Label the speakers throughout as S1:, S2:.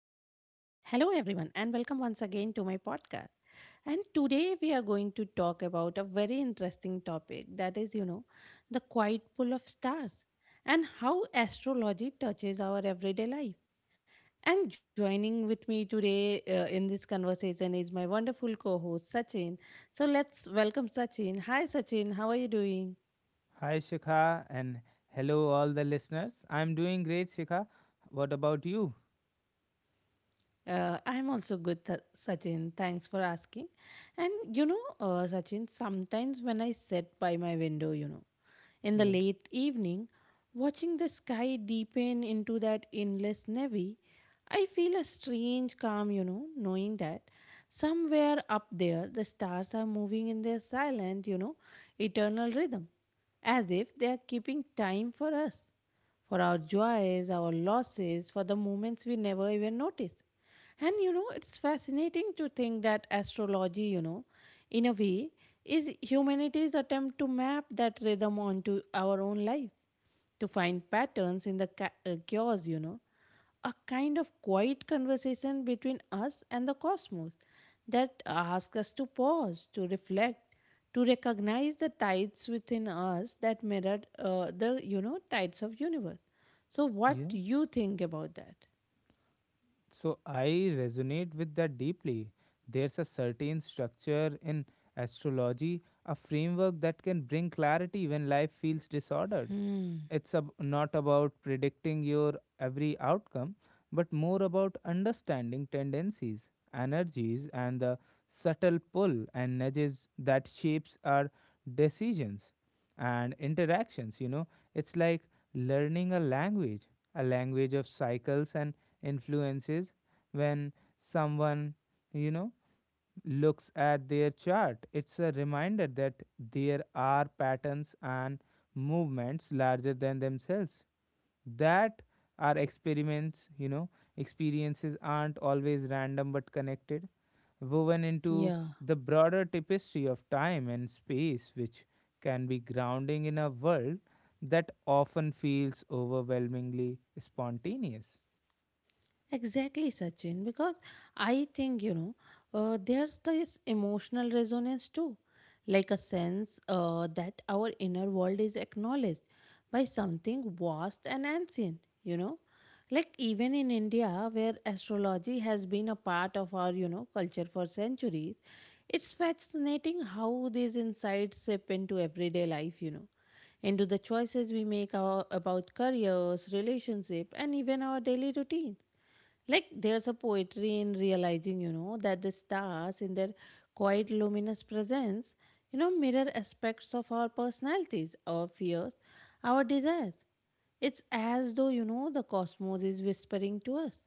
S1: Hello, everyone, and welcome once again to my podcast. And today we are going to talk about a very interesting topic that is, the quiet pull of stars and how astrology touches our everyday life. And joining with me today in this conversation is my wonderful co host, Sachin. So let's welcome Sachin. Hi, Sachin, how are you doing?
S2: Hi, Shikha, and hello, all the listeners. I'm doing great, Shikha. What about you?
S1: I'm also good, Sachin. Thanks for asking. Sachin, sometimes when I sit by my window, in the
S2: Yeah,
S1: late evening, watching the sky deepen into that endless navy, I feel a strange calm, knowing that somewhere up there the stars are moving in their silent, eternal rhythm, as if they are keeping time for us, for our joys, our losses, for the moments we never even notice. It's fascinating to think that astrology, in a way, is humanity's attempt to map that rhythm onto our own lives, to find patterns in the chaos, a kind of quiet conversation between us and the cosmos that asks us to pause, to reflect, to recognize the tides within us that mirrored the tides of universe. So, what
S2: yeah.
S1: do you think about that?
S2: So, I resonate with that deeply. There's a certain structure in astrology, a framework that can bring clarity when life feels disordered. It's not about predicting your every outcome, but more about understanding tendencies, energies, and the subtle pull and nudges that shapes our decisions and interactions. You know, it's like learning a language of cycles and influences. When someone, you know, looks at their chart, it's a reminder that there are patterns and movements larger than themselves that our experiences aren't always random but connected, woven into
S1: Yeah.
S2: the broader tapestry of time and space, which can be grounding in a world that often feels overwhelmingly spontaneous.
S1: Exactly, Sachin, because I think, there's this emotional resonance too, like a sense that our inner world is acknowledged by something vast and ancient, you know. Like even in India, where astrology has been a part of our, culture for centuries, it's fascinating how these insights sip into everyday life, into the choices we make our, about careers, relationship, and even our daily routine. Like there's a poetry in realizing, that the stars in their quiet luminous presence, mirror aspects of our personalities, our fears, our desires. It's as though, the cosmos is whispering to us,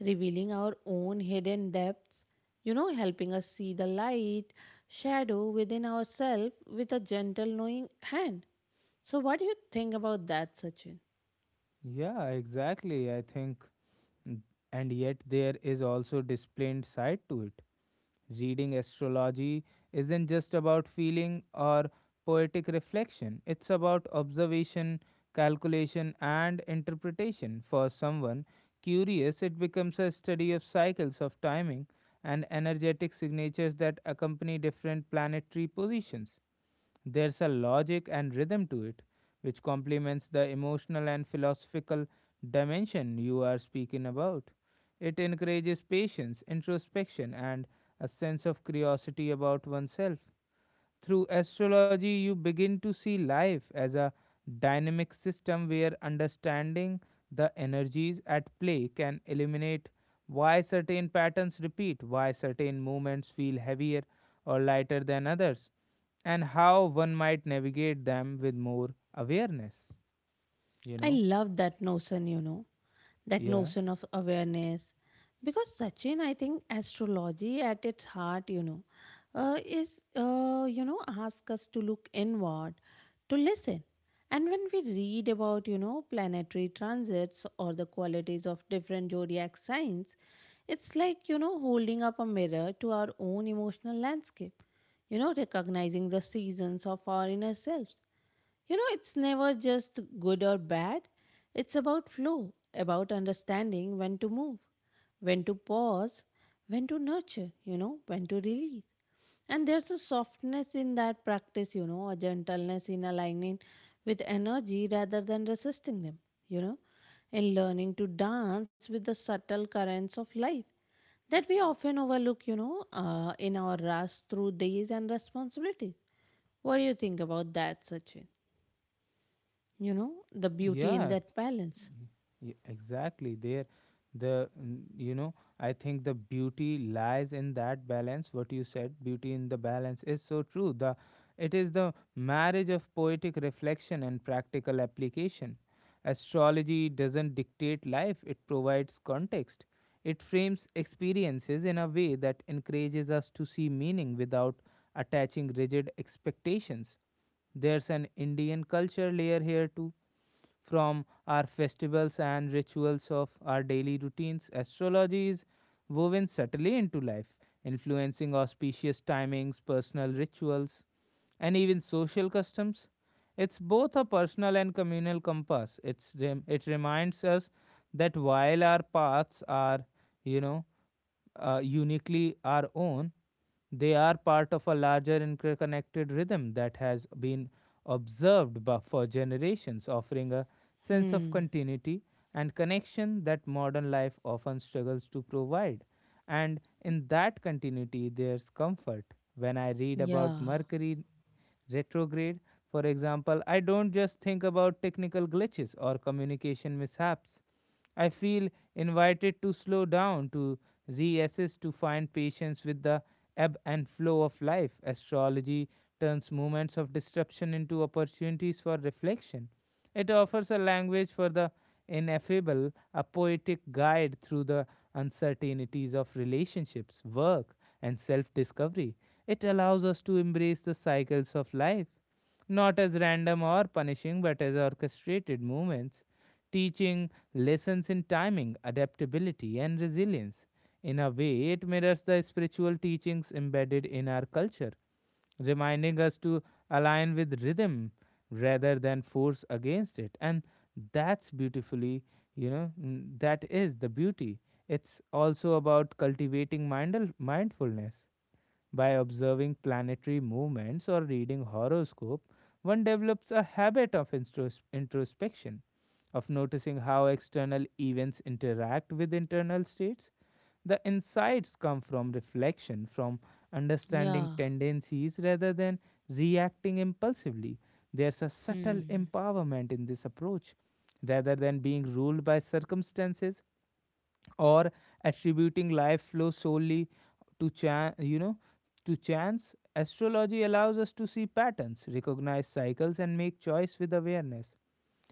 S1: revealing our own hidden depths, helping us see the light, shadow within ourselves with a gentle knowing hand. So what do you think about that, Sachin?
S2: Yeah, exactly. I think. N- And yet, there is also disciplined side to it. Reading astrology isn't just about feeling or poetic reflection, it's about observation, calculation, and interpretation. For someone curious, it becomes a study of cycles of timing and energetic signatures that accompany different planetary positions. There's a logic and rhythm to it, which complements the emotional and philosophical dimension you are speaking about. It encourages patience, introspection, and a sense of curiosity about oneself. Through astrology, you begin to see life as a dynamic system where understanding the energies at play can eliminate why certain patterns repeat, why certain moments feel heavier or lighter than others, and how one might navigate them with more awareness. You
S1: I
S2: know?
S1: love that notion, that
S2: Yeah.
S1: notion of awareness because Sachin, I think astrology at its heart you know is you know ask us to look inward, to listen. And when we read about planetary transits or the qualities of different zodiac signs, it's like holding up a mirror to our own emotional landscape, recognizing the seasons of our inner selves. You know, it's never just good or bad. It's about flow, about understanding when to move, when to pause, when to nurture, when to release. And there's a softness in that practice, a gentleness in aligning with energy rather than resisting them, you know, in learning to dance with the subtle currents of life that we often overlook, in our rush through days and responsibilities. What do you think about that, Sachin? You know, the beauty in
S2: Yeah,
S1: that balance.
S2: Exactly. there the n- you know I think the beauty lies in that balance. What you said, beauty in the balance, is so true. The It is the marriage of poetic reflection and practical application. Astrology doesn't dictate life, it provides context. It frames experiences in a way that encourages us to see meaning without attaching rigid expectations. There's an Indian culture layer here too, from our festivals and rituals of our daily routines. Astrology is woven subtly into life, influencing auspicious timings, personal rituals, and even social customs. It's both a personal and communal compass. It reminds us that while our paths are, you know, uniquely our own, they are part of a larger interconnected rhythm that has been observed for generations, offering a sense of
S1: Hmm.
S2: continuity and connection that modern life often struggles to provide. And in that continuity, there's comfort. When I read about
S1: Yeah.
S2: Mercury retrograde, for example, I don't just think about technical glitches or communication mishaps. I feel invited to slow down, to reassess, to find patience with the ebb and flow of life. Astrology turns moments of disruption into opportunities for reflection. It offers a language for the ineffable, a poetic guide through the uncertainties of relationships, work, and self discovery. It allows us to embrace the cycles of life not as random or punishing, but as orchestrated movements, teaching lessons in timing, adaptability, and resilience. In a way, it mirrors the spiritual teachings embedded in our culture, reminding us to align with rhythm rather than force against it. And that's beautifully, that is the beauty. It's also about cultivating mindfulness by observing planetary movements or reading horoscope. One develops a habit of introspection, of noticing how external events interact with internal states. The insights come from reflection, from understanding
S1: Yeah.
S2: tendencies rather than reacting impulsively. There's a subtle
S1: Hmm.
S2: empowerment in this approach. Rather than being ruled by circumstances, or attributing life flow solely to chance, astrology allows us to see patterns, recognize cycles, and make choice with awareness.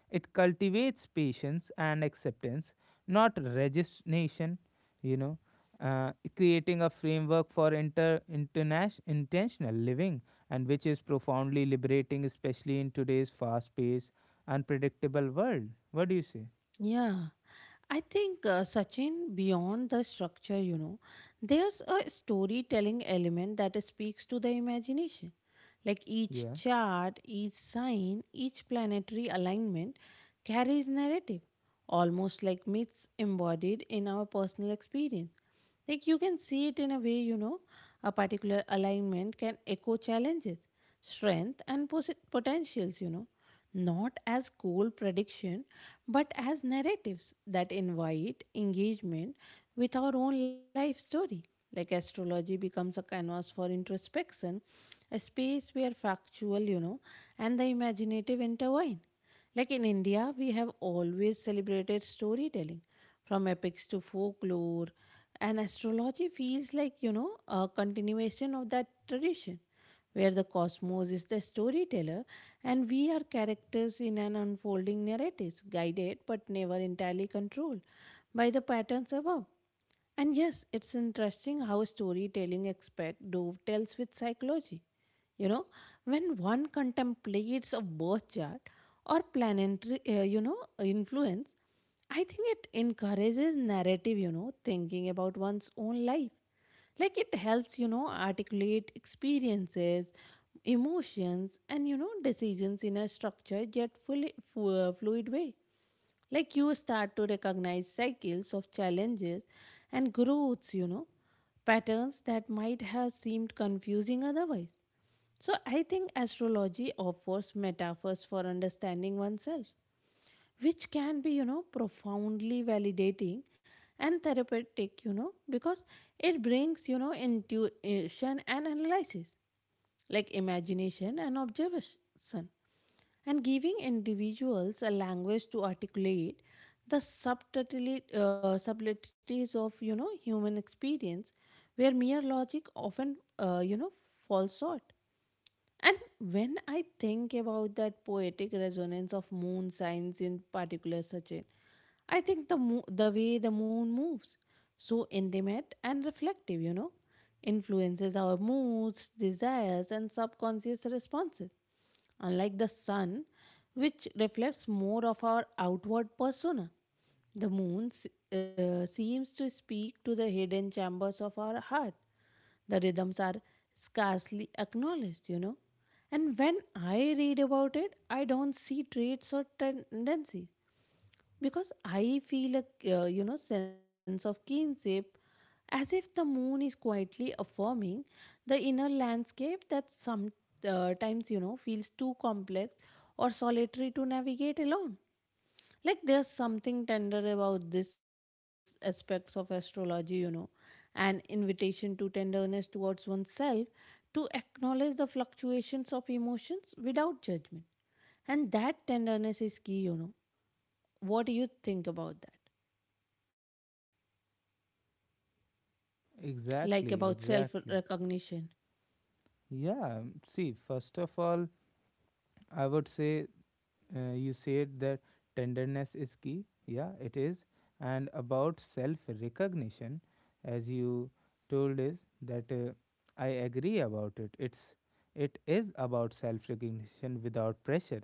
S2: It cultivates patience and acceptance, not resignation. you know Creating a framework for inter international intentional living, and which is profoundly liberating, especially in today's fast paced unpredictable world. What do you say?
S1: Yeah. I think Sachin, beyond the structure, there's a storytelling element that speaks to the imagination. Like each
S2: Yeah,
S1: chart, each sign, each planetary alignment carries narrative, almost like myths embodied in our personal experience. Like you can see it in a way, a particular alignment can echo challenges, strength, and potentials, not as cold prediction, but as narratives that invite engagement with our own life story. Like astrology becomes a canvas for introspection, a space where factual, and the imaginative intertwine, like in India, we have always celebrated storytelling, from epics to folklore, and astrology feels like, a continuation of that tradition, where the cosmos is the storyteller and we are characters in an unfolding narrative, guided but never entirely controlled by the patterns above. And yes, it's interesting how storytelling aspect dovetails with psychology. You know, when one contemplates a birth chart or planetary, influence, I think it encourages narrative, thinking about one's own life. Like it helps, articulate experiences, emotions, and, decisions in a structured yet fluid way. Like you start to recognize cycles of challenges and growths, patterns that might have seemed confusing otherwise. So I think astrology offers metaphors for understanding oneself, which can be profoundly validating and therapeutic, because it brings intuition and analysis, like imagination and observation, and giving individuals a language to articulate the subtleties of human experience where mere logic often falls short. And when I think about that poetic resonance of moon signs in particular, Sachin, I think the the way the moon moves, so intimate and reflective, influences our moods, desires, and subconscious responses. Unlike the sun, which reflects more of our outward persona, the moon seems to speak to the hidden chambers of our heart, the rhythms are scarcely acknowledged, you know. And when I read about it, I don't see traits or tendencies because I feel a sense of kinship, as if the moon is quietly affirming the inner landscape that some times feels too complex or solitary to navigate alone. Like there's something tender about this aspects of astrology, an invitation to tenderness towards oneself, to acknowledge the fluctuations of emotions without judgment. And that tenderness is key, you know. What do you think about that? Like about self
S2: exactly, exactly.
S1: recognition?
S2: Yeah, see, first of all, I would say you said that tenderness is key. Yeah, it is. And about self recognition, as you told is that I agree about it. It is about self recognition without pressure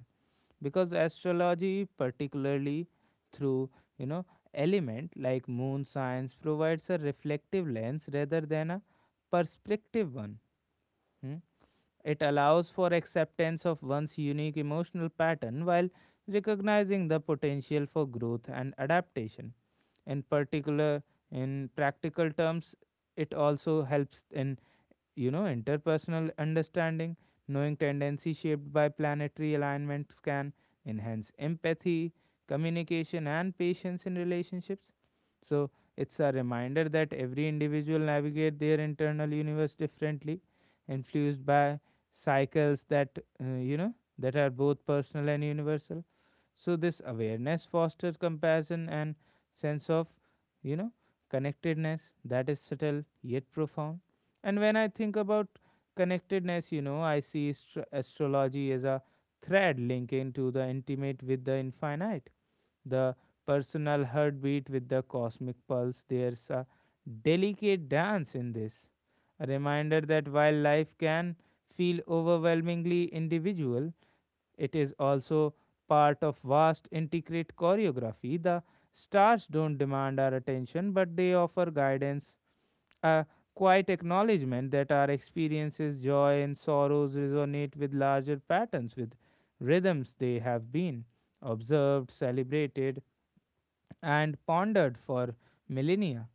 S2: because astrology, particularly through you know element like moon signs, provides a reflective lens rather than a perspective one. Hmm? It allows for acceptance of one's unique emotional pattern while recognizing the potential for growth and adaptation. In particular, in practical terms, it also helps in interpersonal understanding. Knowing tendency shaped by planetary alignments can enhance empathy, communication, and patience in relationships. So, it's a reminder that every individual navigate their internal universe differently, influenced by cycles that you know that are both personal and universal. So this awareness fosters compassion and sense of, you know, connectedness that is subtle yet profound. And when I think about connectedness, I see astrology as a thread linking to the intimate with the infinite, the personal heartbeat with the cosmic pulse. There's a delicate dance in this, a reminder that while life can feel overwhelmingly individual, it is also part of vast intricate choreography. The stars don't demand our attention, but they offer guidance, a quiet acknowledgement that our experiences, joy, and sorrows resonate with larger patterns, with rhythms they have been observed, celebrated, and pondered for millennia.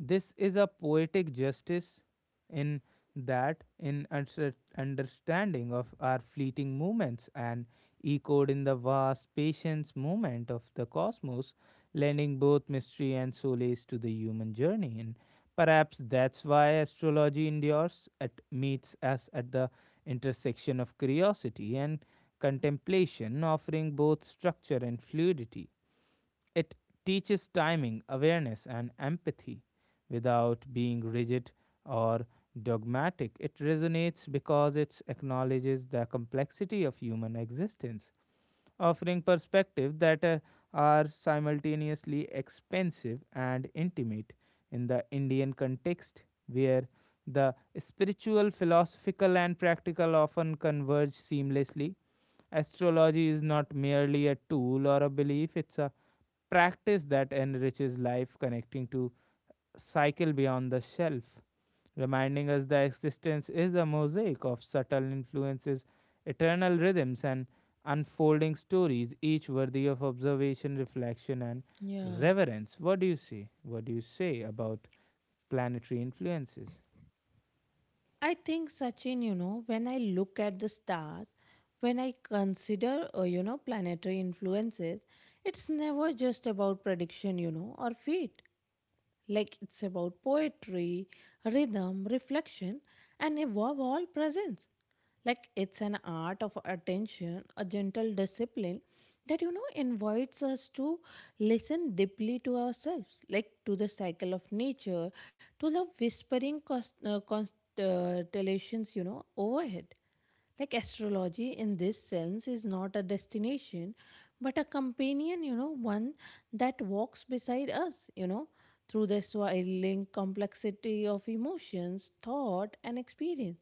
S2: This is a poetic justice in that, in understanding of our fleeting moments and echoed in the vast patience moment of the cosmos, lending both mystery and solace to the human journey. And perhaps that's why astrology endures, it meets us at the intersection of curiosity and contemplation, offering both structure and fluidity. It teaches timing, awareness, and empathy without being rigid or dogmatic. It resonates because it acknowledges the complexity of human existence, offering perspectives that are simultaneously expensive and intimate in the Indian context, where the spiritual, philosophical, and practical often converge seamlessly. Astrology is not merely a tool or a belief, it's a practice that enriches life, connecting to cycle beyond the shelf, reminding us that existence is a mosaic of subtle influences, eternal rhythms, and unfolding stories, each worthy of observation, reflection, and
S1: Yeah.
S2: reverence. What do you see? What do you say about planetary influences?
S1: I think, Sachin, you know, when I look at the stars, when I consider, planetary influences, it's never just about prediction, or fate. Like it's about poetry, rhythm, reflection, and above all, presence. Like it's an art of attention, a gentle discipline that invites us to listen deeply to ourselves, like to the cycle of nature, to the whispering constellations, overhead. Like astrology in this sense is not a destination but a companion, one that walks beside us, through the swirling complexity of emotions, thought and experience,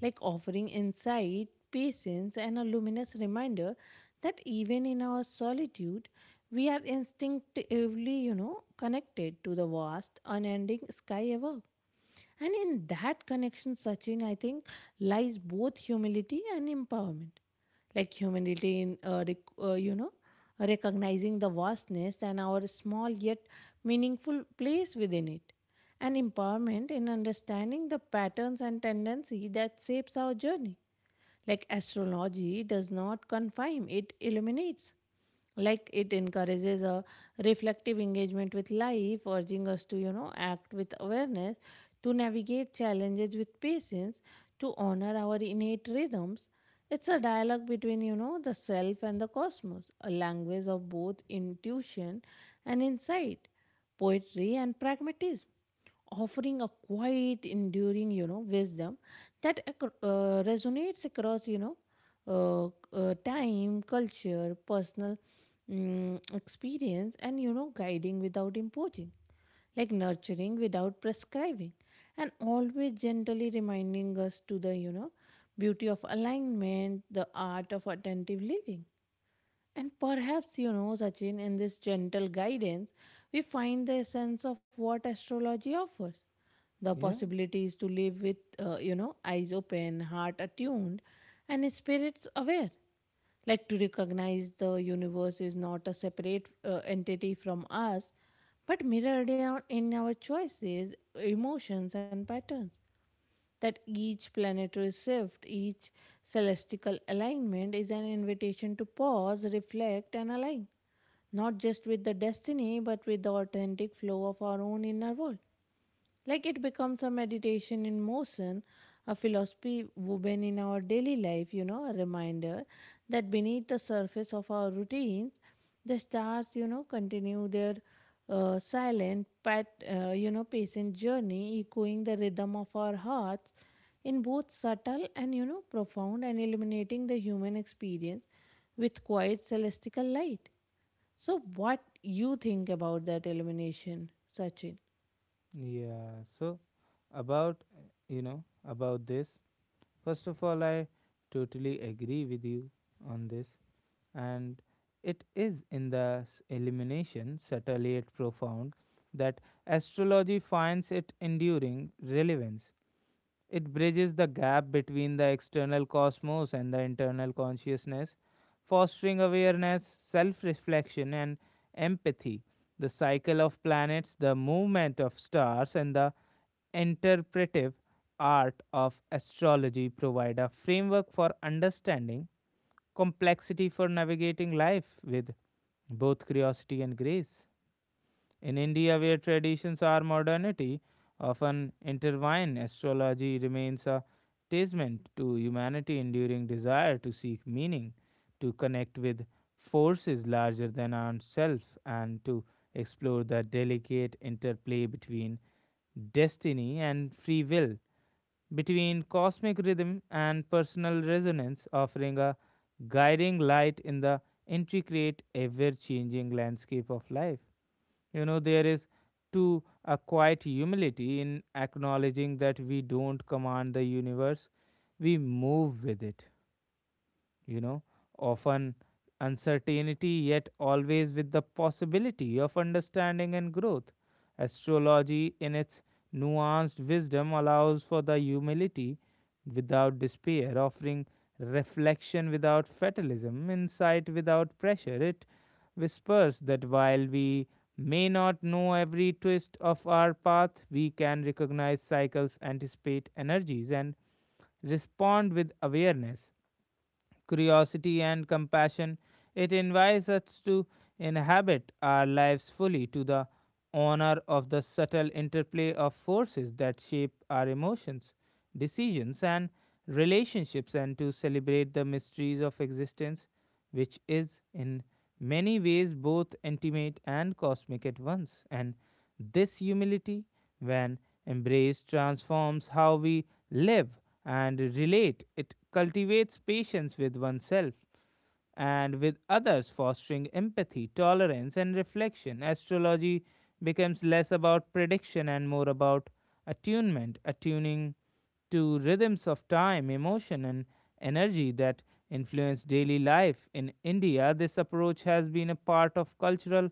S1: like offering insight, patience, and a luminous reminder that even in our solitude we are instinctively connected to the vast unending sky above. And in that connection, Sachin, I think, lies both humility and empowerment. Like humility in, recognizing the vastness and our small yet meaningful place within it. And empowerment in understanding the patterns and tendency that shapes our journey. Like astrology does not confine, it illuminates. Like it encourages a reflective engagement with life, urging us to, act with awareness, to navigate challenges with patience, to honor our innate rhythms. It's a dialogue between, the self and the cosmos, a language of both intuition and insight, poetry and pragmatism, offering a quiet enduring wisdom that resonates across uh, time, culture, personal, experience, and guiding without imposing, like nurturing without prescribing, and always gently reminding us to the beauty of alignment, the art of attentive living. And perhaps, Sachin, in this gentle guidance, we find the essence of what astrology offers. The
S2: Yeah,
S1: possibilities to live with, eyes open, heart attuned, and spirits aware. Like to recognize the universe is not a separate entity from us, but mirrored in our choices, emotions, and patterns, that each planetary shift, each celestial alignment is an invitation to pause, reflect, and align, not just with the destiny, but with the authentic flow of our own inner world. Like it becomes a meditation in motion, a philosophy woven in our daily life, a reminder that beneath the surface of our routines the stars, continue their silent, patient journey, echoing the rhythm of our hearts in both subtle and, profound, and illuminating the human experience with quiet celestial light. So, what you think about that illumination, Sachin?
S2: yeah. So, about you know about this. First of all, I totally agree with you on this. And it is in the elimination, subtle yet profound, that astrology finds its enduring relevance. It bridges the gap between the external cosmos and the internal consciousness, fostering awareness, self reflection, and empathy. The cycle of planets, the movement of stars, and the interpretive art of astrology provide a framework for understanding complexity, for navigating life with both curiosity and grace. In India, where traditions are modernity often intertwined, astrology remains a testament to humanity's enduring desire to seek meaning, to connect with forces larger than ourself, and to explore the delicate interplay between destiny and free will, between cosmic rhythm and personal resonance, offering a guiding light in the intricate, ever changing landscape of life. You know, there is too a quiet humility in acknowledging that we don't command the universe, we move with it you know, often uncertainty, yet always with the possibility of understanding and growth. Astrology, in its nuanced wisdom, allows for the humility without despair, offering reflection without fatalism, insight without pressure. It whispers that while we may not know every twist of our path, we can recognize cycles, anticipate energies, and respond with awareness, curiosity, and compassion. It invites us to inhabit our lives fully, to the honor of the subtle interplay of forces that shape our emotions, decisions, and relationships, and to celebrate the mysteries of existence, which is in many ways both intimate and cosmic at once. And this humility, when embraced, transforms how we live and relate. It cultivates patience with oneself and with others, fostering empathy, tolerance, and reflection. Astrology becomes less about prediction and more about attunement, attuning to rhythms of time, emotion, and energy that influence daily life. In India, this approach has been a part of cultural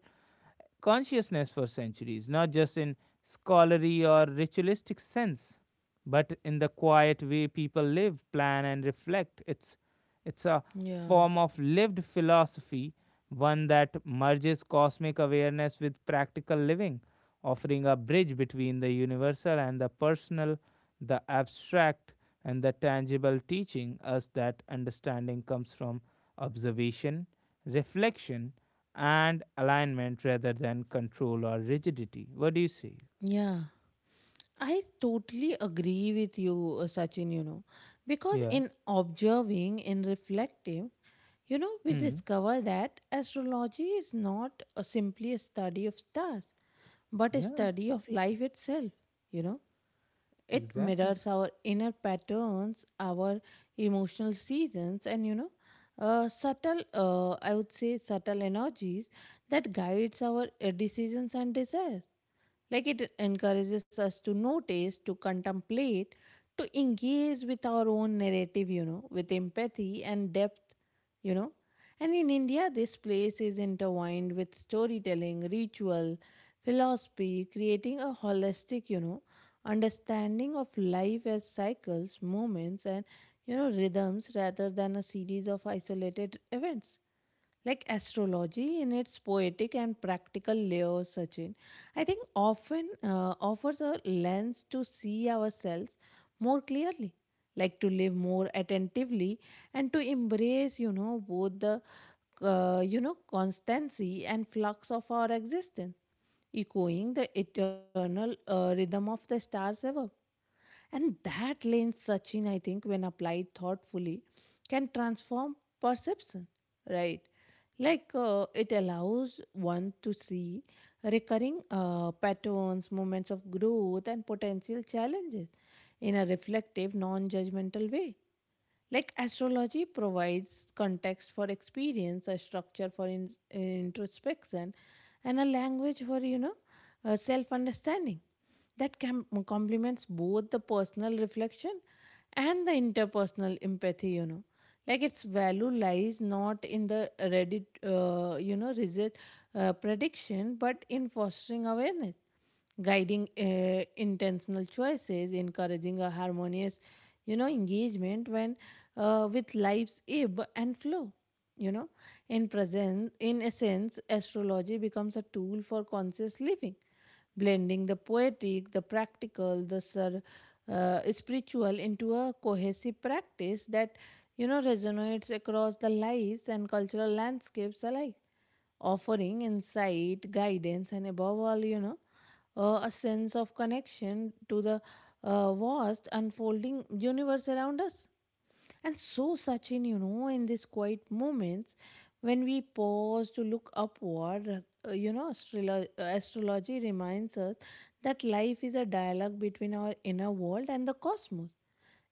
S2: consciousness for centuries, not just in scholarly or ritualistic sense, but in the quiet way people live, plan, and reflect. It's a
S1: Yeah,
S2: form of lived philosophy, one that merges cosmic awareness with practical living, offering a bridge between the universal and the personal, the abstract and the tangible, teaching us that understanding comes from observation, reflection, and alignment rather than control or rigidity. What do you say?
S1: yeah. I totally agree with you, Sachin, you know, because
S2: Yeah.
S1: in observing, in reflecting, we
S2: Hmm.
S1: discover that astrology is not a simply a study of stars, but a
S2: Yeah,
S1: study of life itself, you know. It
S2: exactly.
S1: mirrors our inner patterns, our emotional seasons, and I would say, subtle energies that guides our decisions and desires. Like it encourages us to notice, to contemplate, to engage with our own narrative, with empathy and depth, you know. And in India, this place is intertwined with storytelling, ritual, philosophy, creating a holistic, understanding of life as cycles, moments, and rhythms rather than a series of isolated events. Like astrology, in its poetic and practical layers, Sachin, I think often offers a lens to see ourselves more clearly, like to live more attentively and to embrace both the constancy and flux of our existence, echoing the eternal rhythm of the stars above. And that lens, Sachin, I think, when applied thoughtfully, can transform perception, right? Like it allows one to see recurring patterns, moments of growth, and potential challenges in a reflective, non judgmental way. Like astrology provides context for experience, a structure for introspection, and a language for, self understanding that complements both the personal reflection and the interpersonal empathy, like its value lies not in the ready, rigid prediction, but in fostering awareness, guiding intentional choices, encouraging a harmonious, engagement when with life's ebb and flow, you know in present. In essence, astrology becomes a tool for conscious living, blending the poetic, the practical, the spiritual into a cohesive practice that resonates across the lives and cultural landscapes alike, offering insight, guidance, and above all, a sense of connection to the vast unfolding universe around us. And so, Sachin, in these quiet moments, when we pause to look upward, astrology reminds us that life is a dialogue between our inner world and the cosmos,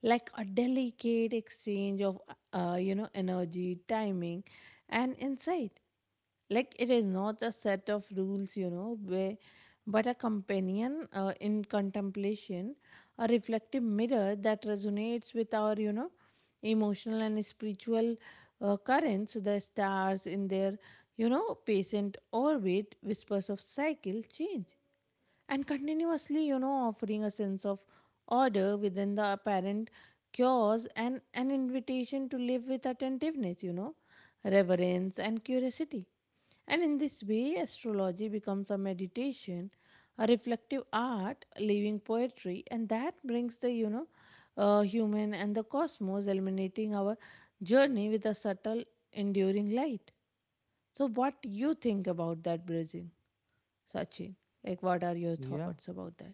S1: like a delicate exchange of, energy, timing, and insight. Like it is not a set of rules, where, but a companion in contemplation, a reflective mirror that resonates with our, emotional and spiritual currents. The stars in their, patient orbit, whispers of cycle change and continuously, offering a sense of order within the apparent chaos, and an invitation to live with attentiveness, reverence, and curiosity. And in this way, astrology becomes a meditation, a reflective art, a living poetry, and that brings the, human and the cosmos, illuminating our journey with a subtle enduring light. So what you think about that bridging, Sachin? Like, what are your
S2: Yeah.
S1: thoughts about that?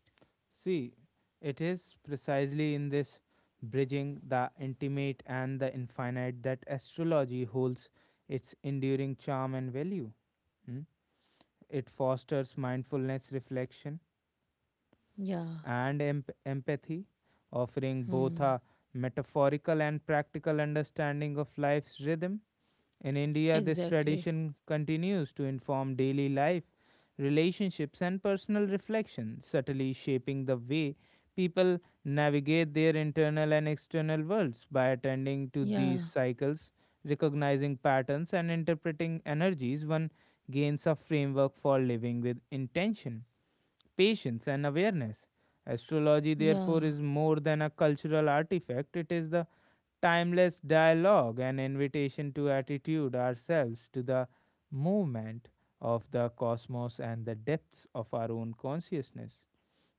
S2: See, it is precisely in this bridging the intimate and the infinite that astrology holds its enduring charm and value. Hmm? It fosters mindfulness, reflection,
S1: Yeah.
S2: and empathy, offering both
S1: Hmm.
S2: a metaphorical and practical understanding of life's rhythm. In India, this
S1: Exactly.
S2: tradition continues to inform daily life, relationships, and personal reflection, subtly shaping the way people navigate their internal and external worlds by attending to these
S1: Yeah.
S2: cycles, recognizing patterns, and interpreting energies. One gains a framework for living with intention, patience, and awareness. Astrology,
S1: Yeah.
S2: therefore, is more than a cultural artifact. It is the timeless dialogue, an invitation to attitude ourselves to the movement of the cosmos and the depths of our own consciousness,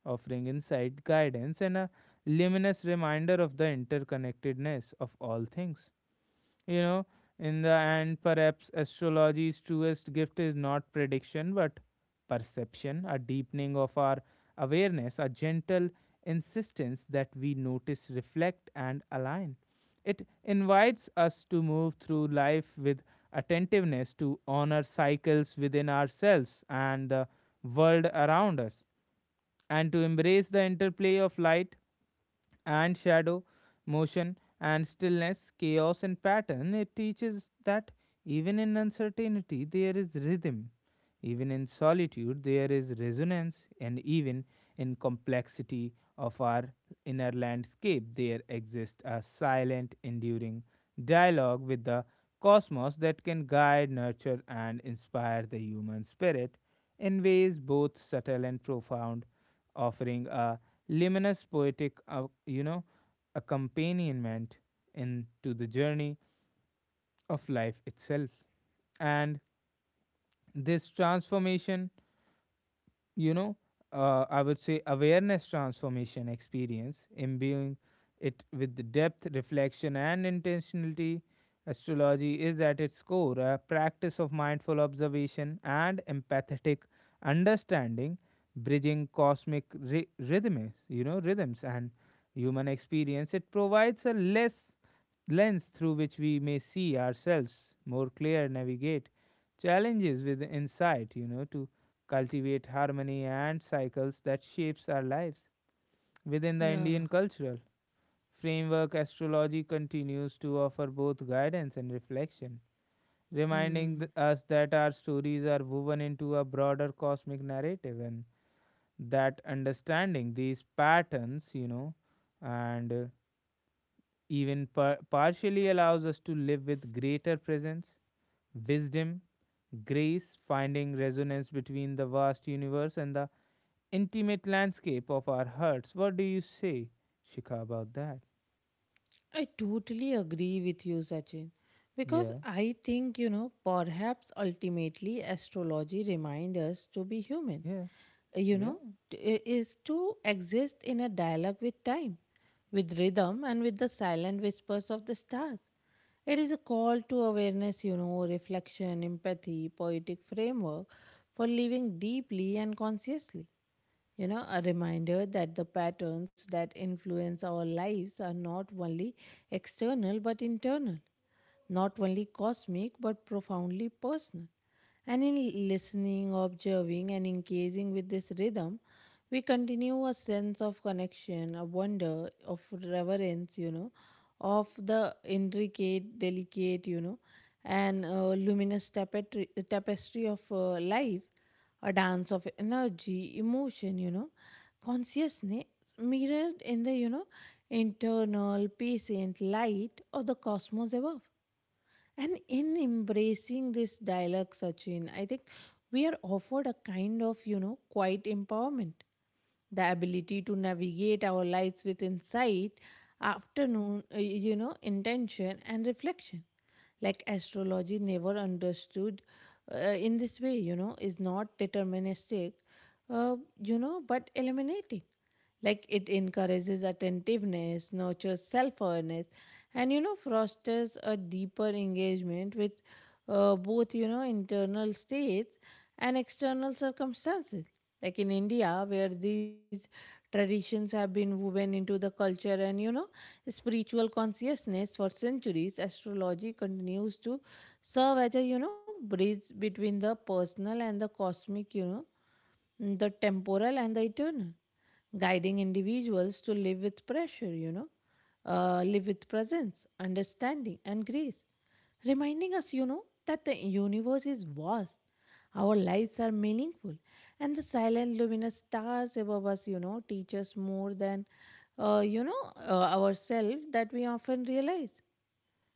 S2: offering insight, guidance, and a luminous reminder of the interconnectedness of all things you know in the end, perhaps astrology's truest gift is not prediction but perception, a deepening of our awareness, a gentle insistence that we notice, reflect, and align. It invites us to move through life with attentiveness, to honor cycles within ourselves and the world around us, and to embrace the interplay of light and shadow, motion and stillness, chaos and pattern. It teaches that even in uncertainty there is rhythm, even in solitude there is resonance, and even in complexity of our inner landscape there exists a silent, enduring dialogue with the cosmos that can guide, nurture, and inspire the human spirit in ways both subtle and profound, offering a luminous, poetic, accompaniment into the journey of life itself. And this transformation, you know, I would say awareness transformation experience, imbuing it with the depth, reflection, and intentionality. Astrology is at its core a practice of mindful observation and empathetic understanding, bridging cosmic rhythms, rhythms and human experience. It provides a less lens through which we may see ourselves more clear, navigate challenges with insight, you know, to cultivate harmony and cycles that shapes our lives. Within the
S1: Yeah.
S2: Indian cultural framework, astrology continues to offer both guidance and reflection, reminding
S1: Hmm.
S2: us that our stories are woven into a broader cosmic narrative, and that understanding these patterns, you know, and even partially allows us to live with greater presence, wisdom, grace, finding resonance between the vast universe and the intimate landscape of our hearts. What do you say, Shikha, about that?
S1: I totally agree with you, Sachin, because
S2: Yeah,
S1: I think, perhaps ultimately astrology reminds us to be human,
S2: yeah,
S1: you
S2: yeah,
S1: know, t- i- is to exist in a dialogue with time, with rhythm, and with the silent whispers of the stars. It is a call to awareness, reflection, empathy, poetic framework for living deeply and consciously. A reminder that the patterns that influence our lives are not only external but internal, not only cosmic but profoundly personal. And in listening, observing, and engaging with this rhythm, we continue a sense of connection, a wonder, of reverence, of the intricate, delicate, you know, and luminous tapestry, tapestry of life, a dance of energy, emotion, consciousness mirrored in the, internal, patient light of the cosmos above. And in embracing this dialogue, Sachin, I think we are offered a kind of, quiet empowerment. The ability to navigate our lives with insight, afternoon, intention and reflection. Like astrology, never understood in this way, is not deterministic, but eliminating. Like it encourages attentiveness, nurtures self awareness, and fosters a deeper engagement with both, internal states and external circumstances. Like in India, where these traditions have been woven into the culture and, spiritual consciousness for centuries, astrology continues to serve as a, bridge between the personal and the cosmic, the temporal and the eternal, guiding individuals to live with pressure, live with presence, understanding, and grace, reminding us, that the universe is vast, our lives are meaningful, and the silent luminous stars above us, teach us more than, ourselves that we often realize.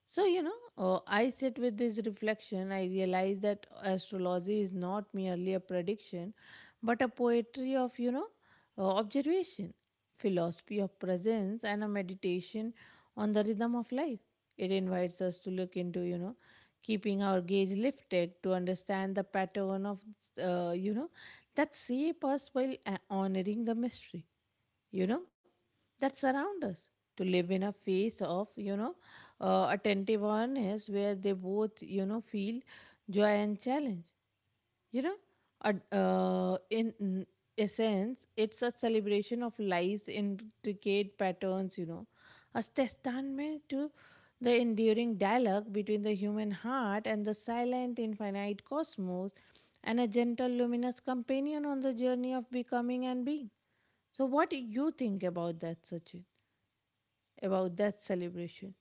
S1: So, I sit with this reflection. I realize that astrology is not merely a prediction, but a poetry of, observation, philosophy of presence, and a meditation on the rhythm of life. It invites us to look into, keeping our gaze lifted to understand the pattern of, uh, you know, that shape us while honoring the mystery, you know that surround us, to live in a phase of, attentive awareness where they both, feel joy and challenge, you know ad- in essence it's a celebration of life's intricate patterns, a testament to the enduring dialogue between the human heart and the silent infinite cosmos, and a gentle luminous companion on the journey of becoming and being. So, what do you think about that, Sachin? About that celebration,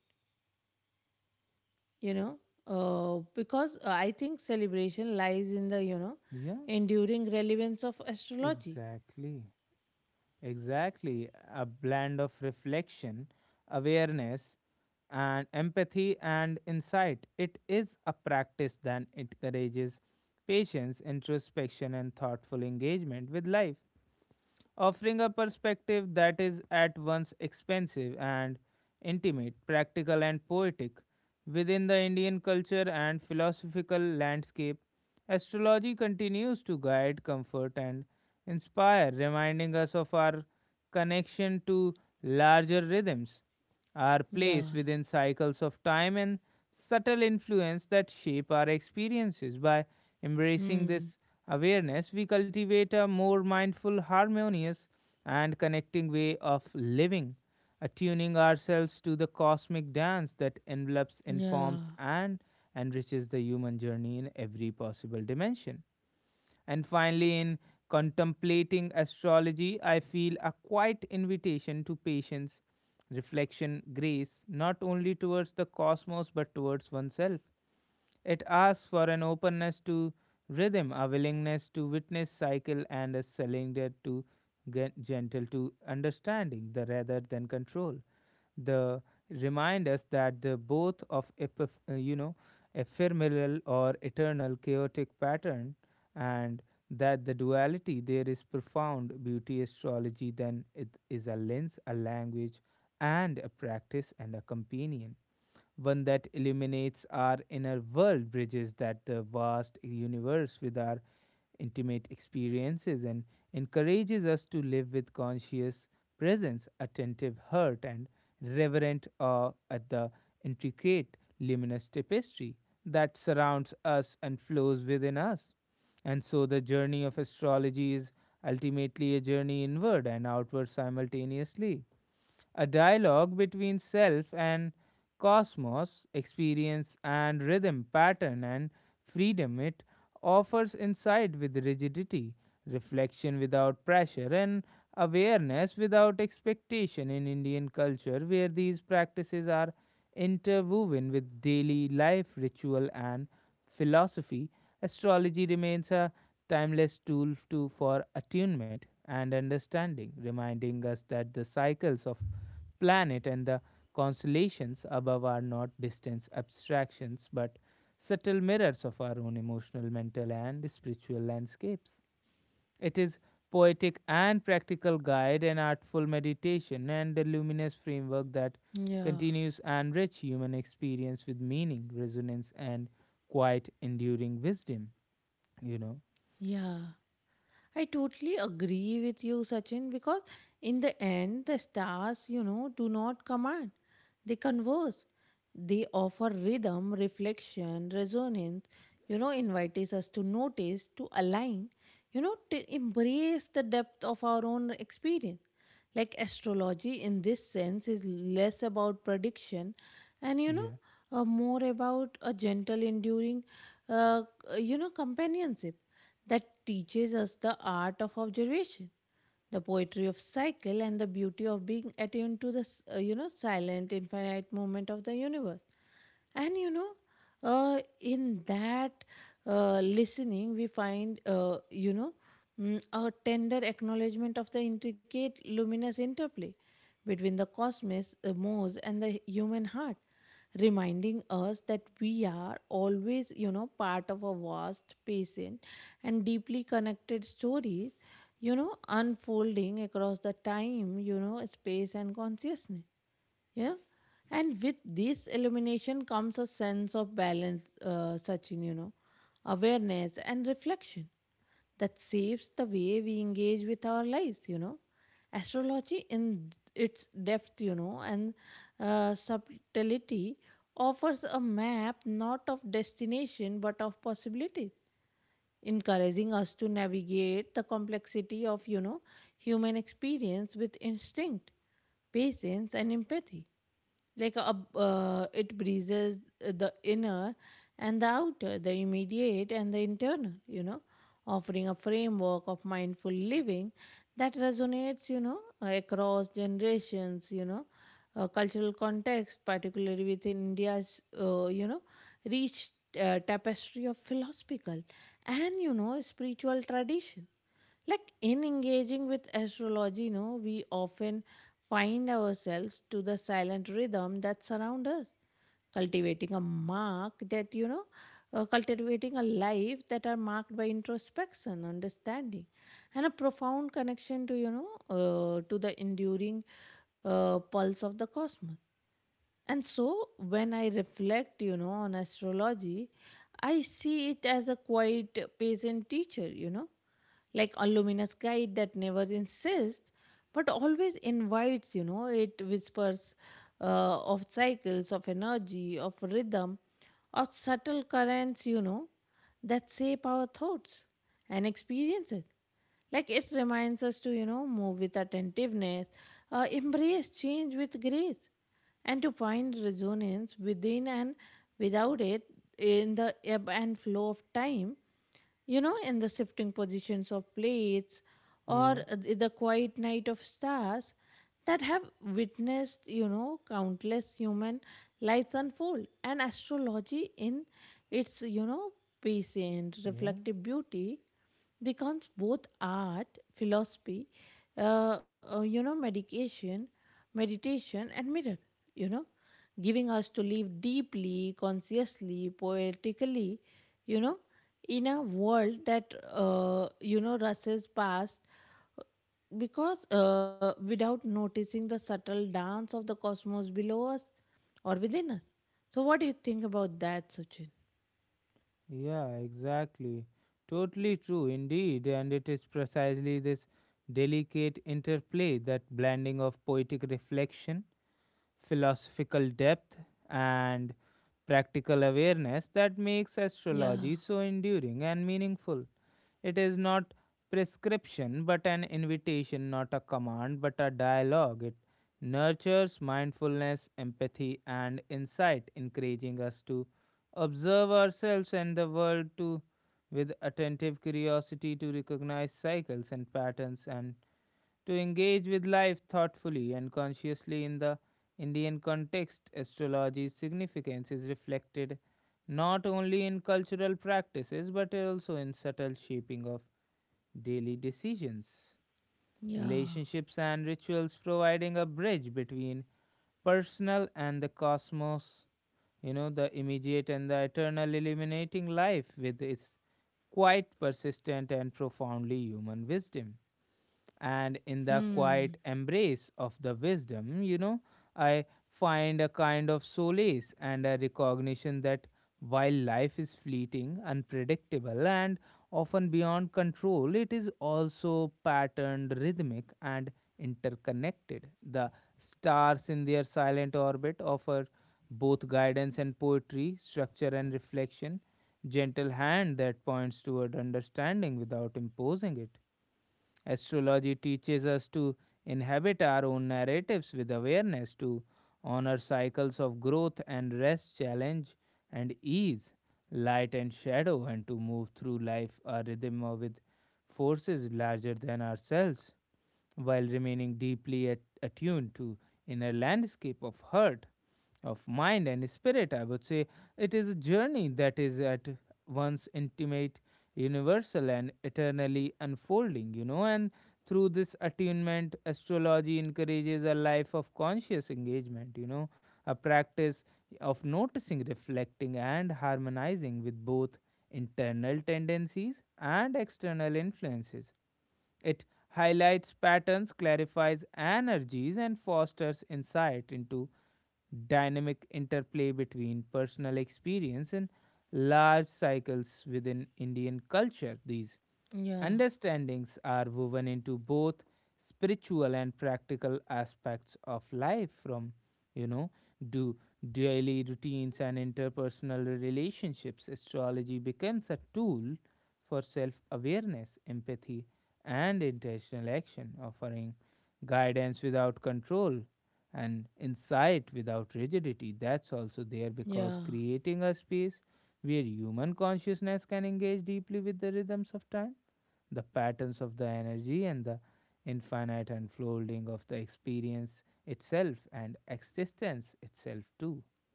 S1: you know, because I think celebration lies in the,
S2: yeah,
S1: enduring relevance of astrology.
S2: exactly. Exactly. A blend of reflection, awareness, and empathy and insight. It is a practice that encourages patience, introspection, and thoughtful engagement with life, offering a perspective that is at once expansive and intimate, practical and poetic. Within the Indian culture and philosophical landscape, astrology continues to guide, comfort, and inspire, reminding us of our connection to larger rhythms are
S1: Yeah.
S2: placed within cycles of time and subtle influence that shape our experiences. By embracing
S1: Hmm.
S2: this awareness, we cultivate a more mindful, harmonious, and connecting way of living, attuning ourselves to the cosmic dance that envelops,
S1: Yeah.
S2: informs, and enriches the human journey in every possible dimension. And finally, in contemplating astrology, I feel a quiet invitation to patience, reflection, grace, not only towards the cosmos but towards oneself. It asks for an openness to rhythm, a willingness to witness cycle, and a surrender to gentle to understanding the rather than control the remind us that the both of ephemeral or eternal chaotic pattern, and that the duality there is profound beauty. Astrology then, it is a lens, a language, and a practice, and a companion, one that illuminates our inner world, bridges that, vast universe with our intimate experiences, and encourages us to live with conscious presence, attentive heart, and reverent awe at the intricate luminous tapestry that surrounds us and flows within us. And so the journey of astrology is ultimately a journey inward and outward simultaneously, a dialogue between self and cosmos, experience and rhythm, pattern and freedom. It offers insight with rigidity, reflection without pressure, and awareness without expectation in Indian culture, where these practices are interwoven with daily life, ritual, and philosophy. Astrology remains a timeless tool to, for attunement and understanding, reminding us that the cycles of planet and the constellations above are not distant abstractions but subtle mirrors of our own emotional, mental, and spiritual landscapes. It is poetic and practical guide and artful meditation and a luminous framework that
S1: Yeah.
S2: continues and enrich human experience with meaning, resonance, and quite enduring wisdom. You know?
S1: Yeah. I totally agree with you, Sachin, because in the end, the stars, do not command, they converse. They offer rhythm, reflection, resonance, invites us to notice, to align, to embrace the depth of our own experience. Like astrology in this sense is less about prediction and,
S2: Yeah,
S1: more about a gentle enduring uh, companionship that teaches us the art of observation, the poetry of cycle, and the beauty of being attuned to the silent infinite movement of the universe. And in that listening, we find, a tender acknowledgement of the intricate luminous interplay between the cosmos, mose, and the human heart, reminding us that we are always, part of a vast, patient, and deeply connected story, unfolding across the time, space, and consciousness. Yeah. And with this illumination comes a sense of balance, Sachin, awareness and reflection that shapes the way we engage with our lives, Astrology, in its depth, you know, and subtlety, offers a map not of destination but of possibility, encouraging us to navigate the complexity of, human experience with instinct, patience, and empathy. Like a, it breezes the inner and the outer, the immediate and the internal, offering a framework of mindful living that resonates, across generations, cultural context, particularly with India's, rich tapestry of philosophical and, spiritual tradition. Like in engaging with astrology, we often find ourselves to the silent rhythm that surround us, cultivating a mark that, cultivating a life that are marked by introspection, understanding, and a profound connection to, to the enduring pulse of the cosmos. And so when I reflect, on astrology, I see it as a quite patient teacher, like a luminous guide that never insists but always invites, it whispers of cycles, of energy, of rhythm, of subtle currents, that shape our thoughts and experiences. Like it reminds us to, move with attentiveness, embrace change with grace, and to find resonance within and without it, in the ebb and flow of time, in the shifting positions of plates, or
S2: yeah,
S1: the quiet night of stars that have witnessed, countless human lives unfold. And astrology, in its, patient,
S2: yeah.
S1: reflective beauty, becomes both art, philosophy, uh, uh, you know, medication, meditation, and mirror, you know, giving us to live deeply, consciously, poetically, you know, in a world that, rushes past, because without noticing the subtle dance of the cosmos below us or within us. So, what do you think about that, Sachin?
S2: Yeah, exactly. Totally true indeed. And it is precisely this delicate interplay, that blending of poetic reflection, philosophical depth, and practical awareness that makes
S1: Yeah,
S2: astrology so enduring and meaningful. It is not prescription, but an invitation, not a command, but a dialogue. It nurtures mindfulness, empathy, and insight, encouraging us to observe ourselves and the world to with attentive curiosity, to recognize cycles and patterns, and to engage with life thoughtfully and consciously in the Indian context. Astrology's significance is reflected not only in cultural practices but also in subtle shaping of daily decisions,
S1: yeah,
S2: relationships, and rituals, providing a bridge between personal and the cosmos, you know, the immediate and the eternal, illuminating life with its quite persistent and profoundly human wisdom. And in the quiet
S1: hmm,
S2: embrace of the wisdom, you know, I find a kind of solace and a recognition that while life is fleeting, unpredictable, and often beyond control, it is also patterned, rhythmic, and interconnected. The stars in their silent orbit offer both guidance and poetry, structure and reflection, gentle hand that points toward understanding without imposing it. Astrology teaches us to inhabit our own narratives with awareness, to honor cycles of growth and rest, challenge and ease, light and shadow, and to move through life a rhythm with forces larger than ourselves while remaining deeply attuned to inner landscape of heart, of mind and spirit. I would say it is a journey that is at once intimate, universal, and eternally unfolding, you know. And through this attunement, astrology encourages a life of conscious engagement, you know, a practice of noticing, reflecting, and harmonizing with both internal tendencies and external influences. It highlights patterns, clarifies energies, and fosters insight into dynamic interplay between personal experience and large cycles within Indian culture. These
S1: yeah.
S2: understandings are woven into both spiritual and practical aspects of life from, you know do daily routines and interpersonal relationships. Astrology becomes a tool for self awareness, empathy, and intentional action, offering guidance without control and insight without rigidity. That's also there because
S1: Yeah,
S2: creating a space where human consciousness can engage deeply with the rhythms of time, the patterns of the energy, and the infinite unfolding of the experience itself and existence itself, too.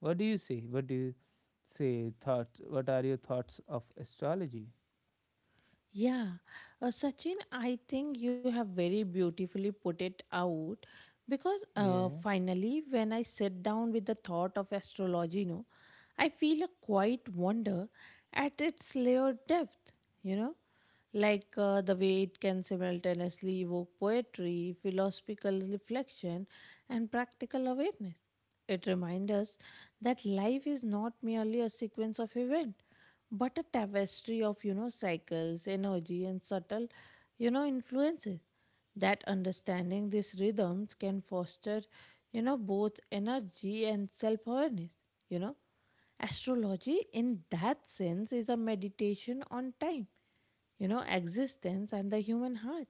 S2: What do you say? Thought, what are your thoughts of astrology?
S1: yeah. Sachin, I think you have very beautifully put it out, because
S2: Yeah,
S1: finally, when I sit down with the thought of astrology, I feel a quiet wonder at its layered depth, you know. Like the way it can simultaneously evoke poetry, philosophical reflection, and practical awareness. It reminds us that life is not merely a sequence of events, but a tapestry of, cycles, energy, and subtle, influences. That understanding these rhythms can foster, both energy and self awareness. You know, astrology in that sense is a meditation on time, existence, and the human heart,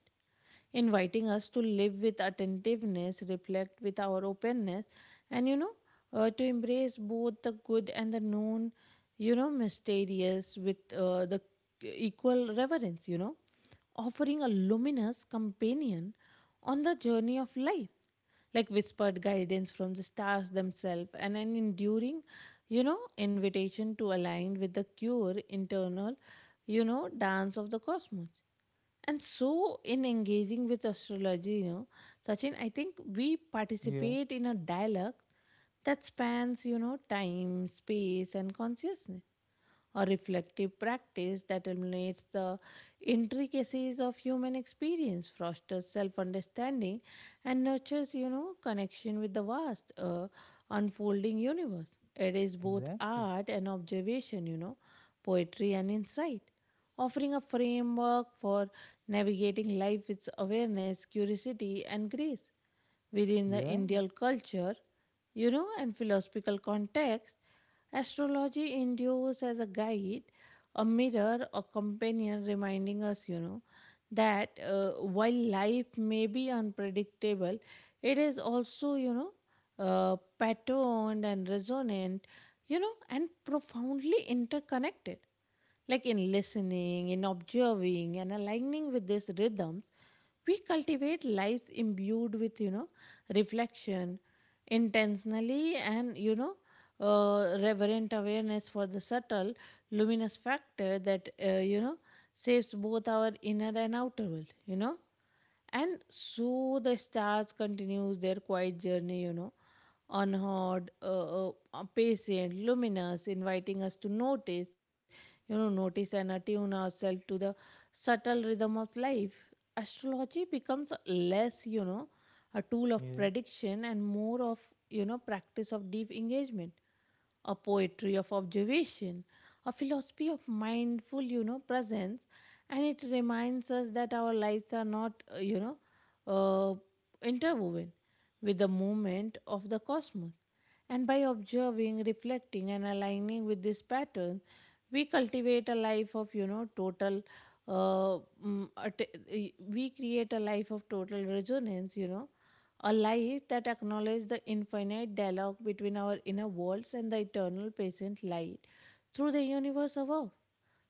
S1: inviting us to live with attentiveness, reflect with our openness, and, to embrace both the good and the known, mysterious with the equal reverence, offering a luminous companion on the journey of life, like whispered guidance from the stars themselves and an enduring, invitation to align with the pure internal, dance of the cosmos. And so, in engaging with astrology, Sachin, I think we
S2: yeah,
S1: participate in a dialogue that spans, time, space, and consciousness, a reflective practice that eliminates the intricacies of human experience, fosters self-understanding, and nurtures, connection with the vast, unfolding universe. It is both
S2: exactly.
S1: art and observation, poetry and insight, offering a framework for navigating life with awareness, curiosity, and grace. Within the
S2: Yeah,
S1: Indian culture, and philosophical context, astrology endures as a guide, a mirror, a companion, reminding us, that while life may be unpredictable, it is also, patterned and resonant, and profoundly interconnected, like in listening, in observing, and aligning with these rhythms, we cultivate lives imbued with reflection, intentionally, and reverent awareness for the subtle luminous factor that shapes both our inner and outer world. And so the stars continues their quiet journey, unheard, patient, luminous, inviting us to notice, notice and attune ourselves to the subtle rhythm of life. Astrology becomes less, a tool of
S2: yeah.
S1: prediction and more of, practice of deep engagement, a poetry of observation, a philosophy of mindful, presence, and it reminds us that our lives are not, uh, interwoven with the movement of the cosmos. And by observing, reflecting, and aligning with this pattern, we cultivate a life of, total. Uh, we create a life of total resonance, a life that acknowledges the infinite dialogue between our inner worlds and the eternal patient light through the universe above.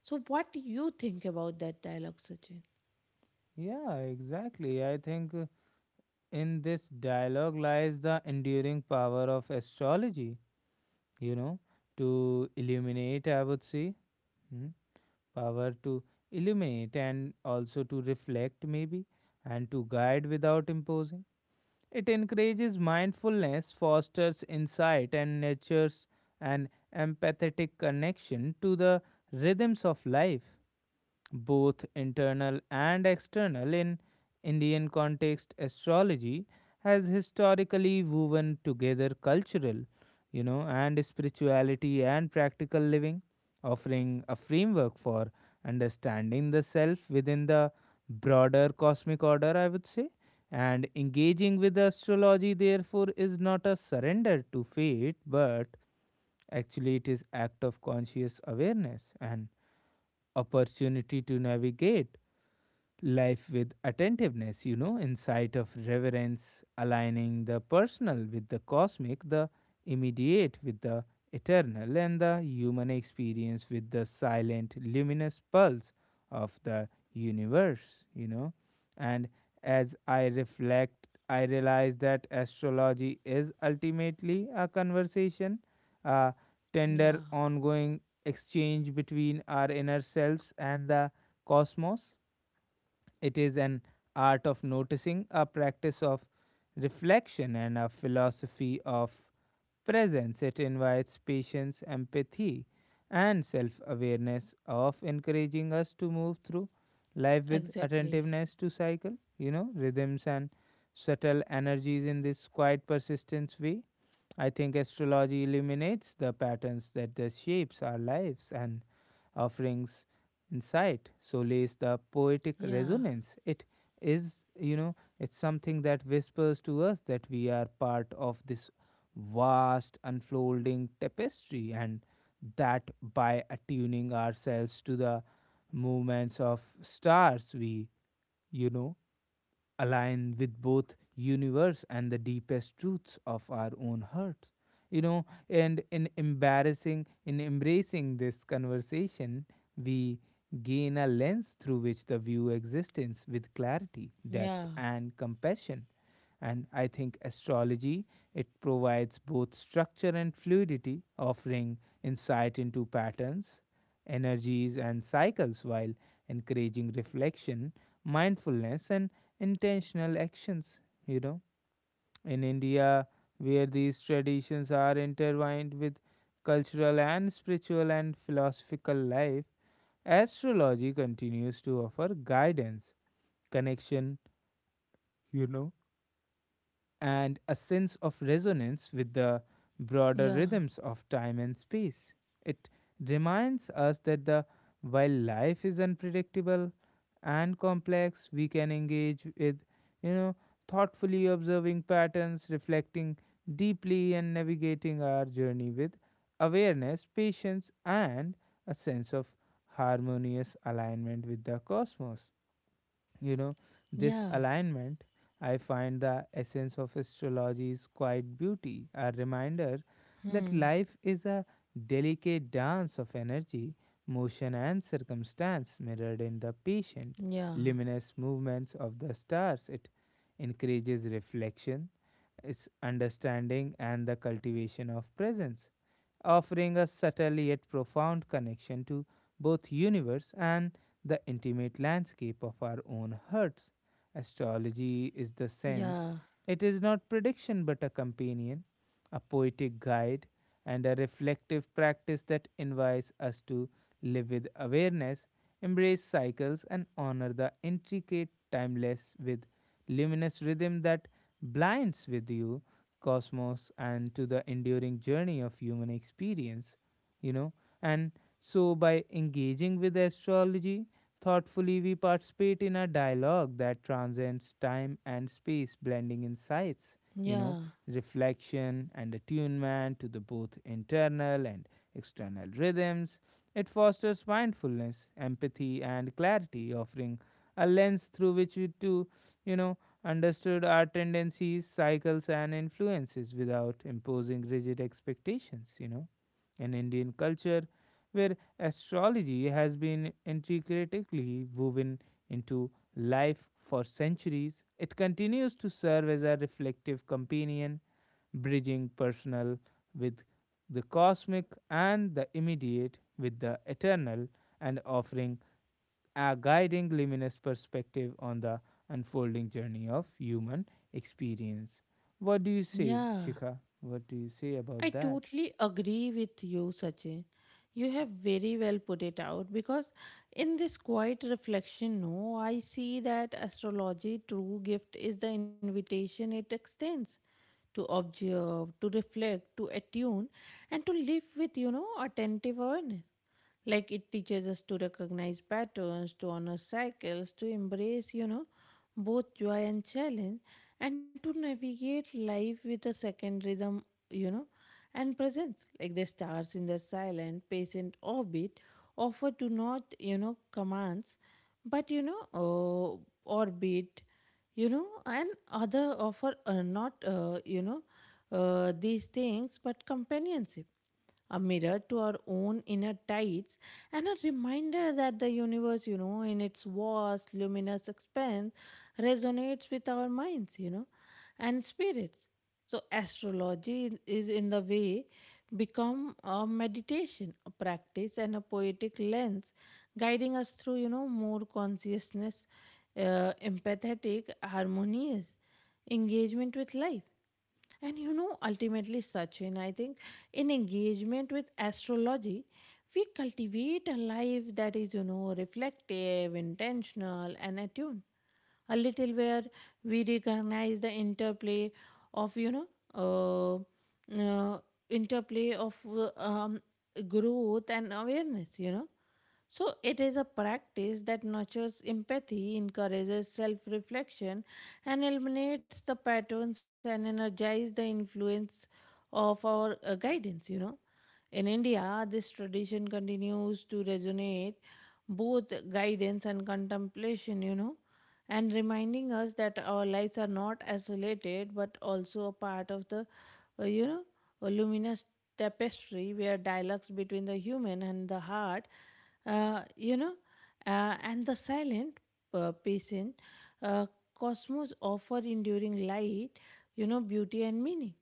S1: So, what do you think about that dialogue, Sachin?
S2: Yeah, exactly. I think, in this dialogue lies the enduring power of astrology, you know, to illuminate, I would say, hmm, power to illuminate and also to reflect, maybe, and to guide without imposing. It encourages mindfulness, fosters insight, and nurtures an empathetic connection to the rhythms of life, both internal and external. In Indian context, astrology has historically woven together cultural, you know, and spirituality and practical living, offering a framework for understanding the self within the broader cosmic order, I would say. And engaging with astrology, therefore, is not a surrender to fate, but actually it is act of conscious awareness and opportunity to navigate life with attentiveness, you know, in sight of reverence, aligning the personal with the cosmic, the immediate with the eternal, and the human experience with the silent, luminous pulse of the universe, you know. And as I reflect, I realize that astrology is ultimately a conversation, a
S1: Yeah,
S2: tender, ongoing exchange between our inner selves and the cosmos. It is an art of noticing, a practice of reflection, and a philosophy of presence. It invites patience, empathy, and self awareness of encouraging us to move through life with
S1: exactly.
S2: attentiveness to cycle, you know, rhythms and subtle energies in this quiet persistence way. I think astrology illuminates the patterns that the shapes our lives and offerings insight. So lays the poetic
S1: Yeah,
S2: resonance. It is, it's something that whispers to us that we are part of this vast unfolding tapestry, and that by attuning ourselves to the movements of stars, we, you know, align with both universe and the deepest truths of our own hearts. You know, and in embarrassing, in embracing this conversation, we gain a lens through which to view existence with clarity,
S1: yeah,
S2: depth, and compassion. And I think astrology, it provides both structure and fluidity, offering insight into patterns, energies and cycles while encouraging reflection, mindfulness, and intentional actions, you know. In India, where these traditions are intertwined with cultural and spiritual and philosophical life, astrology continues to offer guidance, connection, you know, and a sense of resonance with the
S1: yeah,
S2: broader rhythms of time and space. It reminds us that the while life is unpredictable and complex, we can engage with, you know, thoughtfully observing patterns, reflecting deeply and navigating our journey with awareness, patience, and a sense of harmonious alignment with the cosmos. You know,
S1: yeah.
S2: this alignment, I find the essence of astrology's quiet beauty, a reminder
S1: Hmm.
S2: that life is a delicate dance of energy, motion, and circumstance mirrored in the patient,
S1: Yeah,
S2: luminous movements of the stars. It encourages reflection, its understanding, and the cultivation of presence, offering a subtle yet profound connection to both universe and the intimate landscape of our own hearts. Astrology is the
S1: yeah,
S2: sense, it is not prediction but a companion, a poetic guide, and a reflective practice that invites us to live with awareness, embrace cycles, and honor the intricate timeless with luminous rhythm that blinds with you cosmos and to the enduring journey of human experience, you know. And so by engaging with astrology thoughtfully, we participate in a dialogue that transcends time and space, blending insights,
S1: yeah,
S2: you
S1: yeah,
S2: know, reflection and attunement to the both internal and external rhythms. It fosters mindfulness, empathy, and clarity, offering a lens through which we to, you know, understood our tendencies, cycles, and influences without imposing rigid expectations. In Indian culture, where astrology has been intricately woven into life for centuries. It continues to serve as a reflective companion, bridging personal with the cosmic and the immediate with the eternal, and offering a guiding luminous perspective on the unfolding journey of human experience. What do you say,
S1: yeah,
S2: Shikha? What do you say
S1: I
S2: about that?
S1: totally agree with you, Sachin. You have very well put it out because in this quiet reflection, no, I see that astrology true gift is the invitation it extends to observe, to reflect, to attune, and to live with, attentive awareness. Like it teaches us to recognize patterns, to honor cycles, to embrace, both joy and challenge, and to navigate life with a second rhythm, you know, and presence. Like the stars in their silent, patient orbit offer to not, commands, but, orbit, and other offer not, you know, these things, but companionship, a mirror to our own inner tides, and a reminder that the universe in its vast luminous expanse resonates with our minds and spirits. So astrology is in the way become a meditation, a practice, and a poetic lens guiding us through more consciousness, empathetic, harmonious engagement with life. And ultimately, Sachin, I think in engagement with astrology, we cultivate a life that is, reflective, intentional, and attuned. A little where we recognize the of, you know, uh, uh, interplay of growth and awareness, So, it is a practice that nurtures empathy, encourages self reflection, and eliminates the patterns and energizes the influence of our guidance, In India, this tradition continues to resonate both guidance and contemplation, and reminding us that our lives are not isolated but also a part of the, uh, you know, a luminous tapestry where dialogues between the human and the heart, uh, you know, and the silent, patient, uh, cosmos offer enduring light, beauty, and meaning.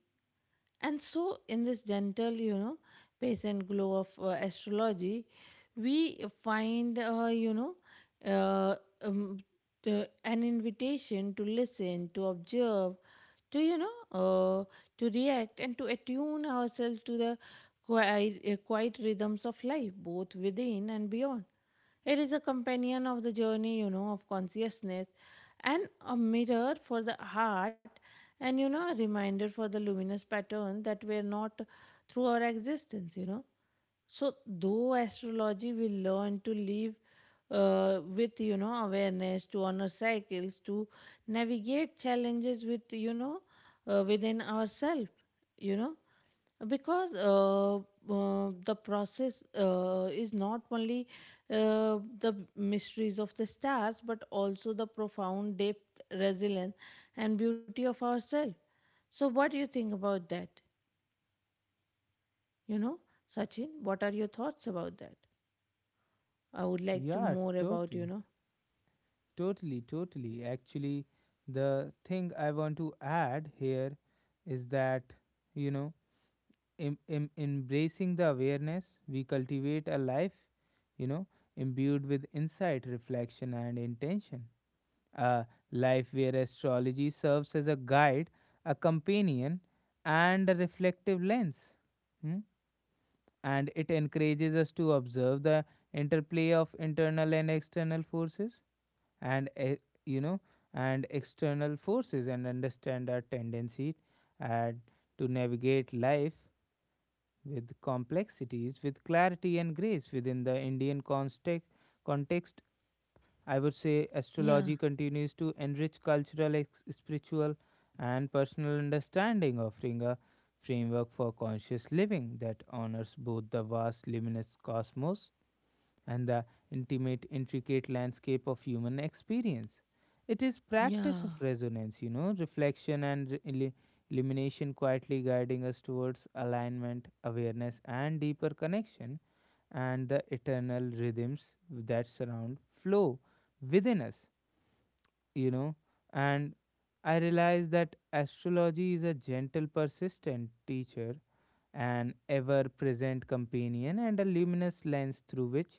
S1: And so, in this gentle, patient glow of astrology, we find, uh, um, an invitation to listen, to observe, to, to react, and to attune ourselves to the quiet rhythms of life, both within and beyond. It is a companion of the journey, of consciousness, and a mirror for the heart, and, a reminder for the luminous pattern that were not through our existence, So, though astrology will learn to live with, awareness, to honor cycles, to navigate challenges with, within ourselves, you know because the process is not only the mysteries of the stars, but also the profound depth, resilience, and beauty of ourselves. So what do you think about that you know Sachin? What are your thoughts about that? I would like to
S2: Yeah,
S1: more about
S2: totally. Totally, totally. Actually, the thing I want to add here is that, you know, embracing the awareness, we cultivate a life, you know, imbued with insight, reflection, and intention. A life where astrology serves as a guide, a companion, and a reflective lens. Hmm? And it encourages us to observe the interplay of internal and external forces and you know and external forces, and understand our tendency uh, to navigate life with complexities, with clarity and grace within the Indian context, I would say
S1: yeah,
S2: astrology continues to enrich cultural, spiritual, and personal understanding, offering a framework for conscious living that honors both the vast luminous cosmos and the intimate, intricate landscape of human experience. It is practice
S1: yeah,
S2: of resonance, you know, reflection and illumination, quietly guiding us towards alignment, awareness, and deeper connection, and the eternal rhythms that surround flow within us, you know. And I realize that astrology is a gentle, persistent teacher, an ever present companion, and a luminous lens through which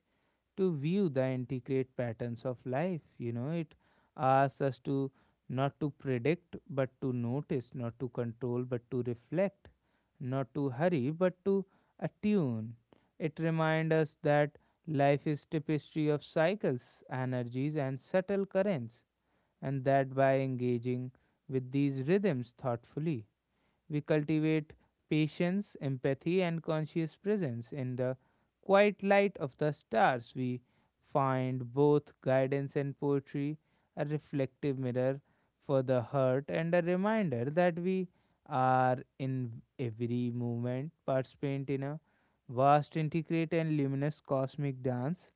S2: to view the intricate patterns of life. You know, it asks us to not to predict, but to notice, not to control, but to reflect, not to hurry, but to attune. It reminds us that life is tapestry of cycles, energies, and subtle currents, and that by engaging with these rhythms thoughtfully we cultivate patience, empathy, and conscious presence. In the quiet light of the stars, we find both guidance and poetry, a reflective mirror for the heart, and a reminder that we are in every moment participant in a vast, intricate, and luminous cosmic dance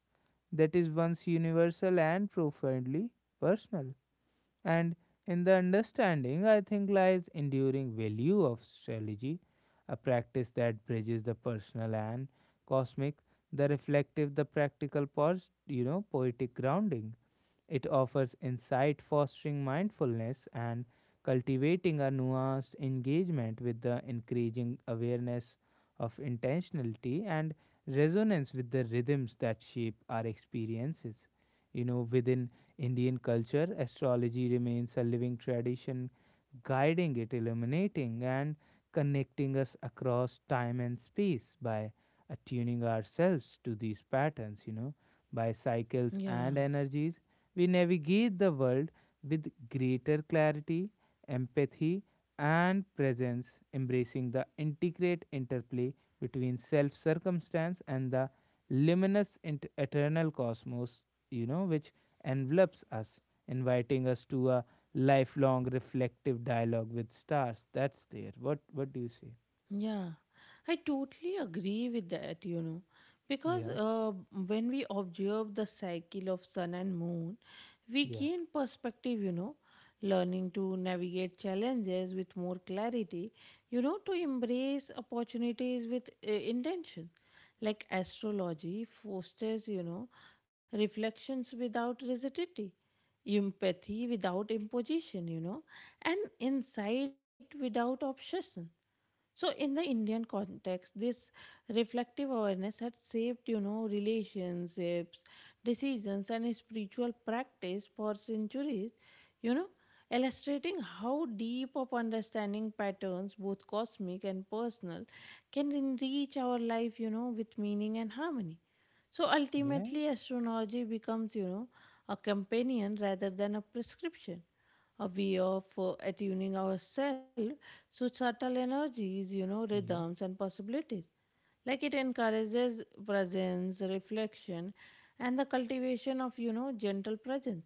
S2: that is once universal and profoundly personal. And in the understanding, I think, lies enduring value of astrology, a practice that bridges the personal and cosmic, the reflective, the practical, you know, poetic grounding it offers insight, fostering mindfulness and cultivating a nuanced engagement with the increasing awareness of intentionality and resonance with the rhythms that shape our experiences. You know, within Indian culture, astrology remains a living tradition, guiding it, illuminating, and connecting us across time and space by attuning ourselves to these patterns, you know, by cycles
S1: yeah.
S2: and energies we navigate the world with greater clarity, empathy, and presence, embracing the intricate interplay between self circumstance and the luminous eternal cosmos, you know, which envelops us, inviting us to a lifelong reflective dialogue with stars. That's there. What do you say?
S1: Yeah, I totally agree with that, because
S2: Yeah,
S1: when we observe the cycle of sun and moon, we
S2: yeah,
S1: gain perspective, learning to navigate challenges with more clarity, to embrace opportunities with intention. Like astrology fosters, reflections without rigidity, empathy without imposition, and insight without obsession. So, in the Indian context, this reflective awareness had shaped, relationships, decisions, and spiritual practice for centuries, you know, illustrating how deep of understanding patterns, both cosmic and personal, can enrich our life, with meaning and harmony. So
S2: yeah,
S1: ultimately, astrology becomes, a companion rather than a prescription, a way of attuning ourselves to subtle energies, rhythms,
S2: yeah,
S1: and possibilities. Like it encourages presence, reflection, and the cultivation of, gentle presence.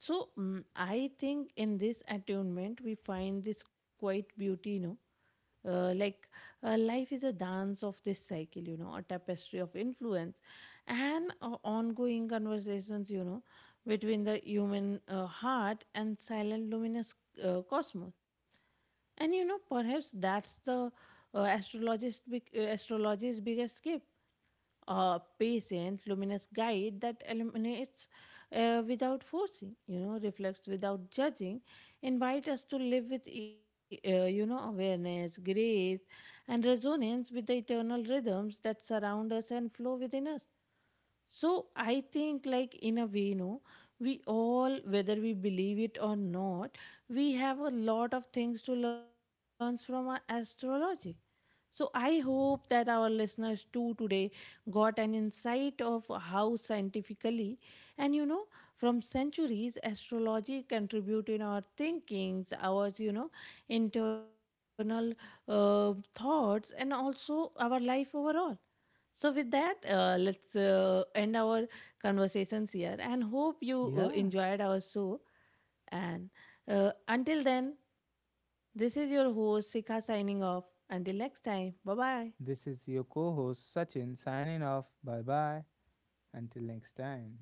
S1: So I think in this attunement we find this quite beauty, Uh, like life is a dance of this cycle, a tapestry of influence and ongoing conversations, between the human heart and silent luminous cosmos. And perhaps that's the astrology's biggest gift, a patient luminous guide that illuminates without forcing, reflects without judging, invite us to live with awareness, grace, and resonance with the eternal rhythms that surround us and flow within us. So I think, like in a way, no, we all, whether we believe it or not, we have a lot of things to learn from our astrology. So I hope that our listeners too today got an insight of how scientifically and from centuries astrology contribute in our thinkings, our internal thoughts, and also our life overall. So, with that, let's end our conversations here and hope
S2: yeah.
S1: you enjoyed our show. And until then, this is your host, Sika, signing off. Until next time, bye bye.
S2: This is your co host Sachin signing off. Bye bye. Until next time.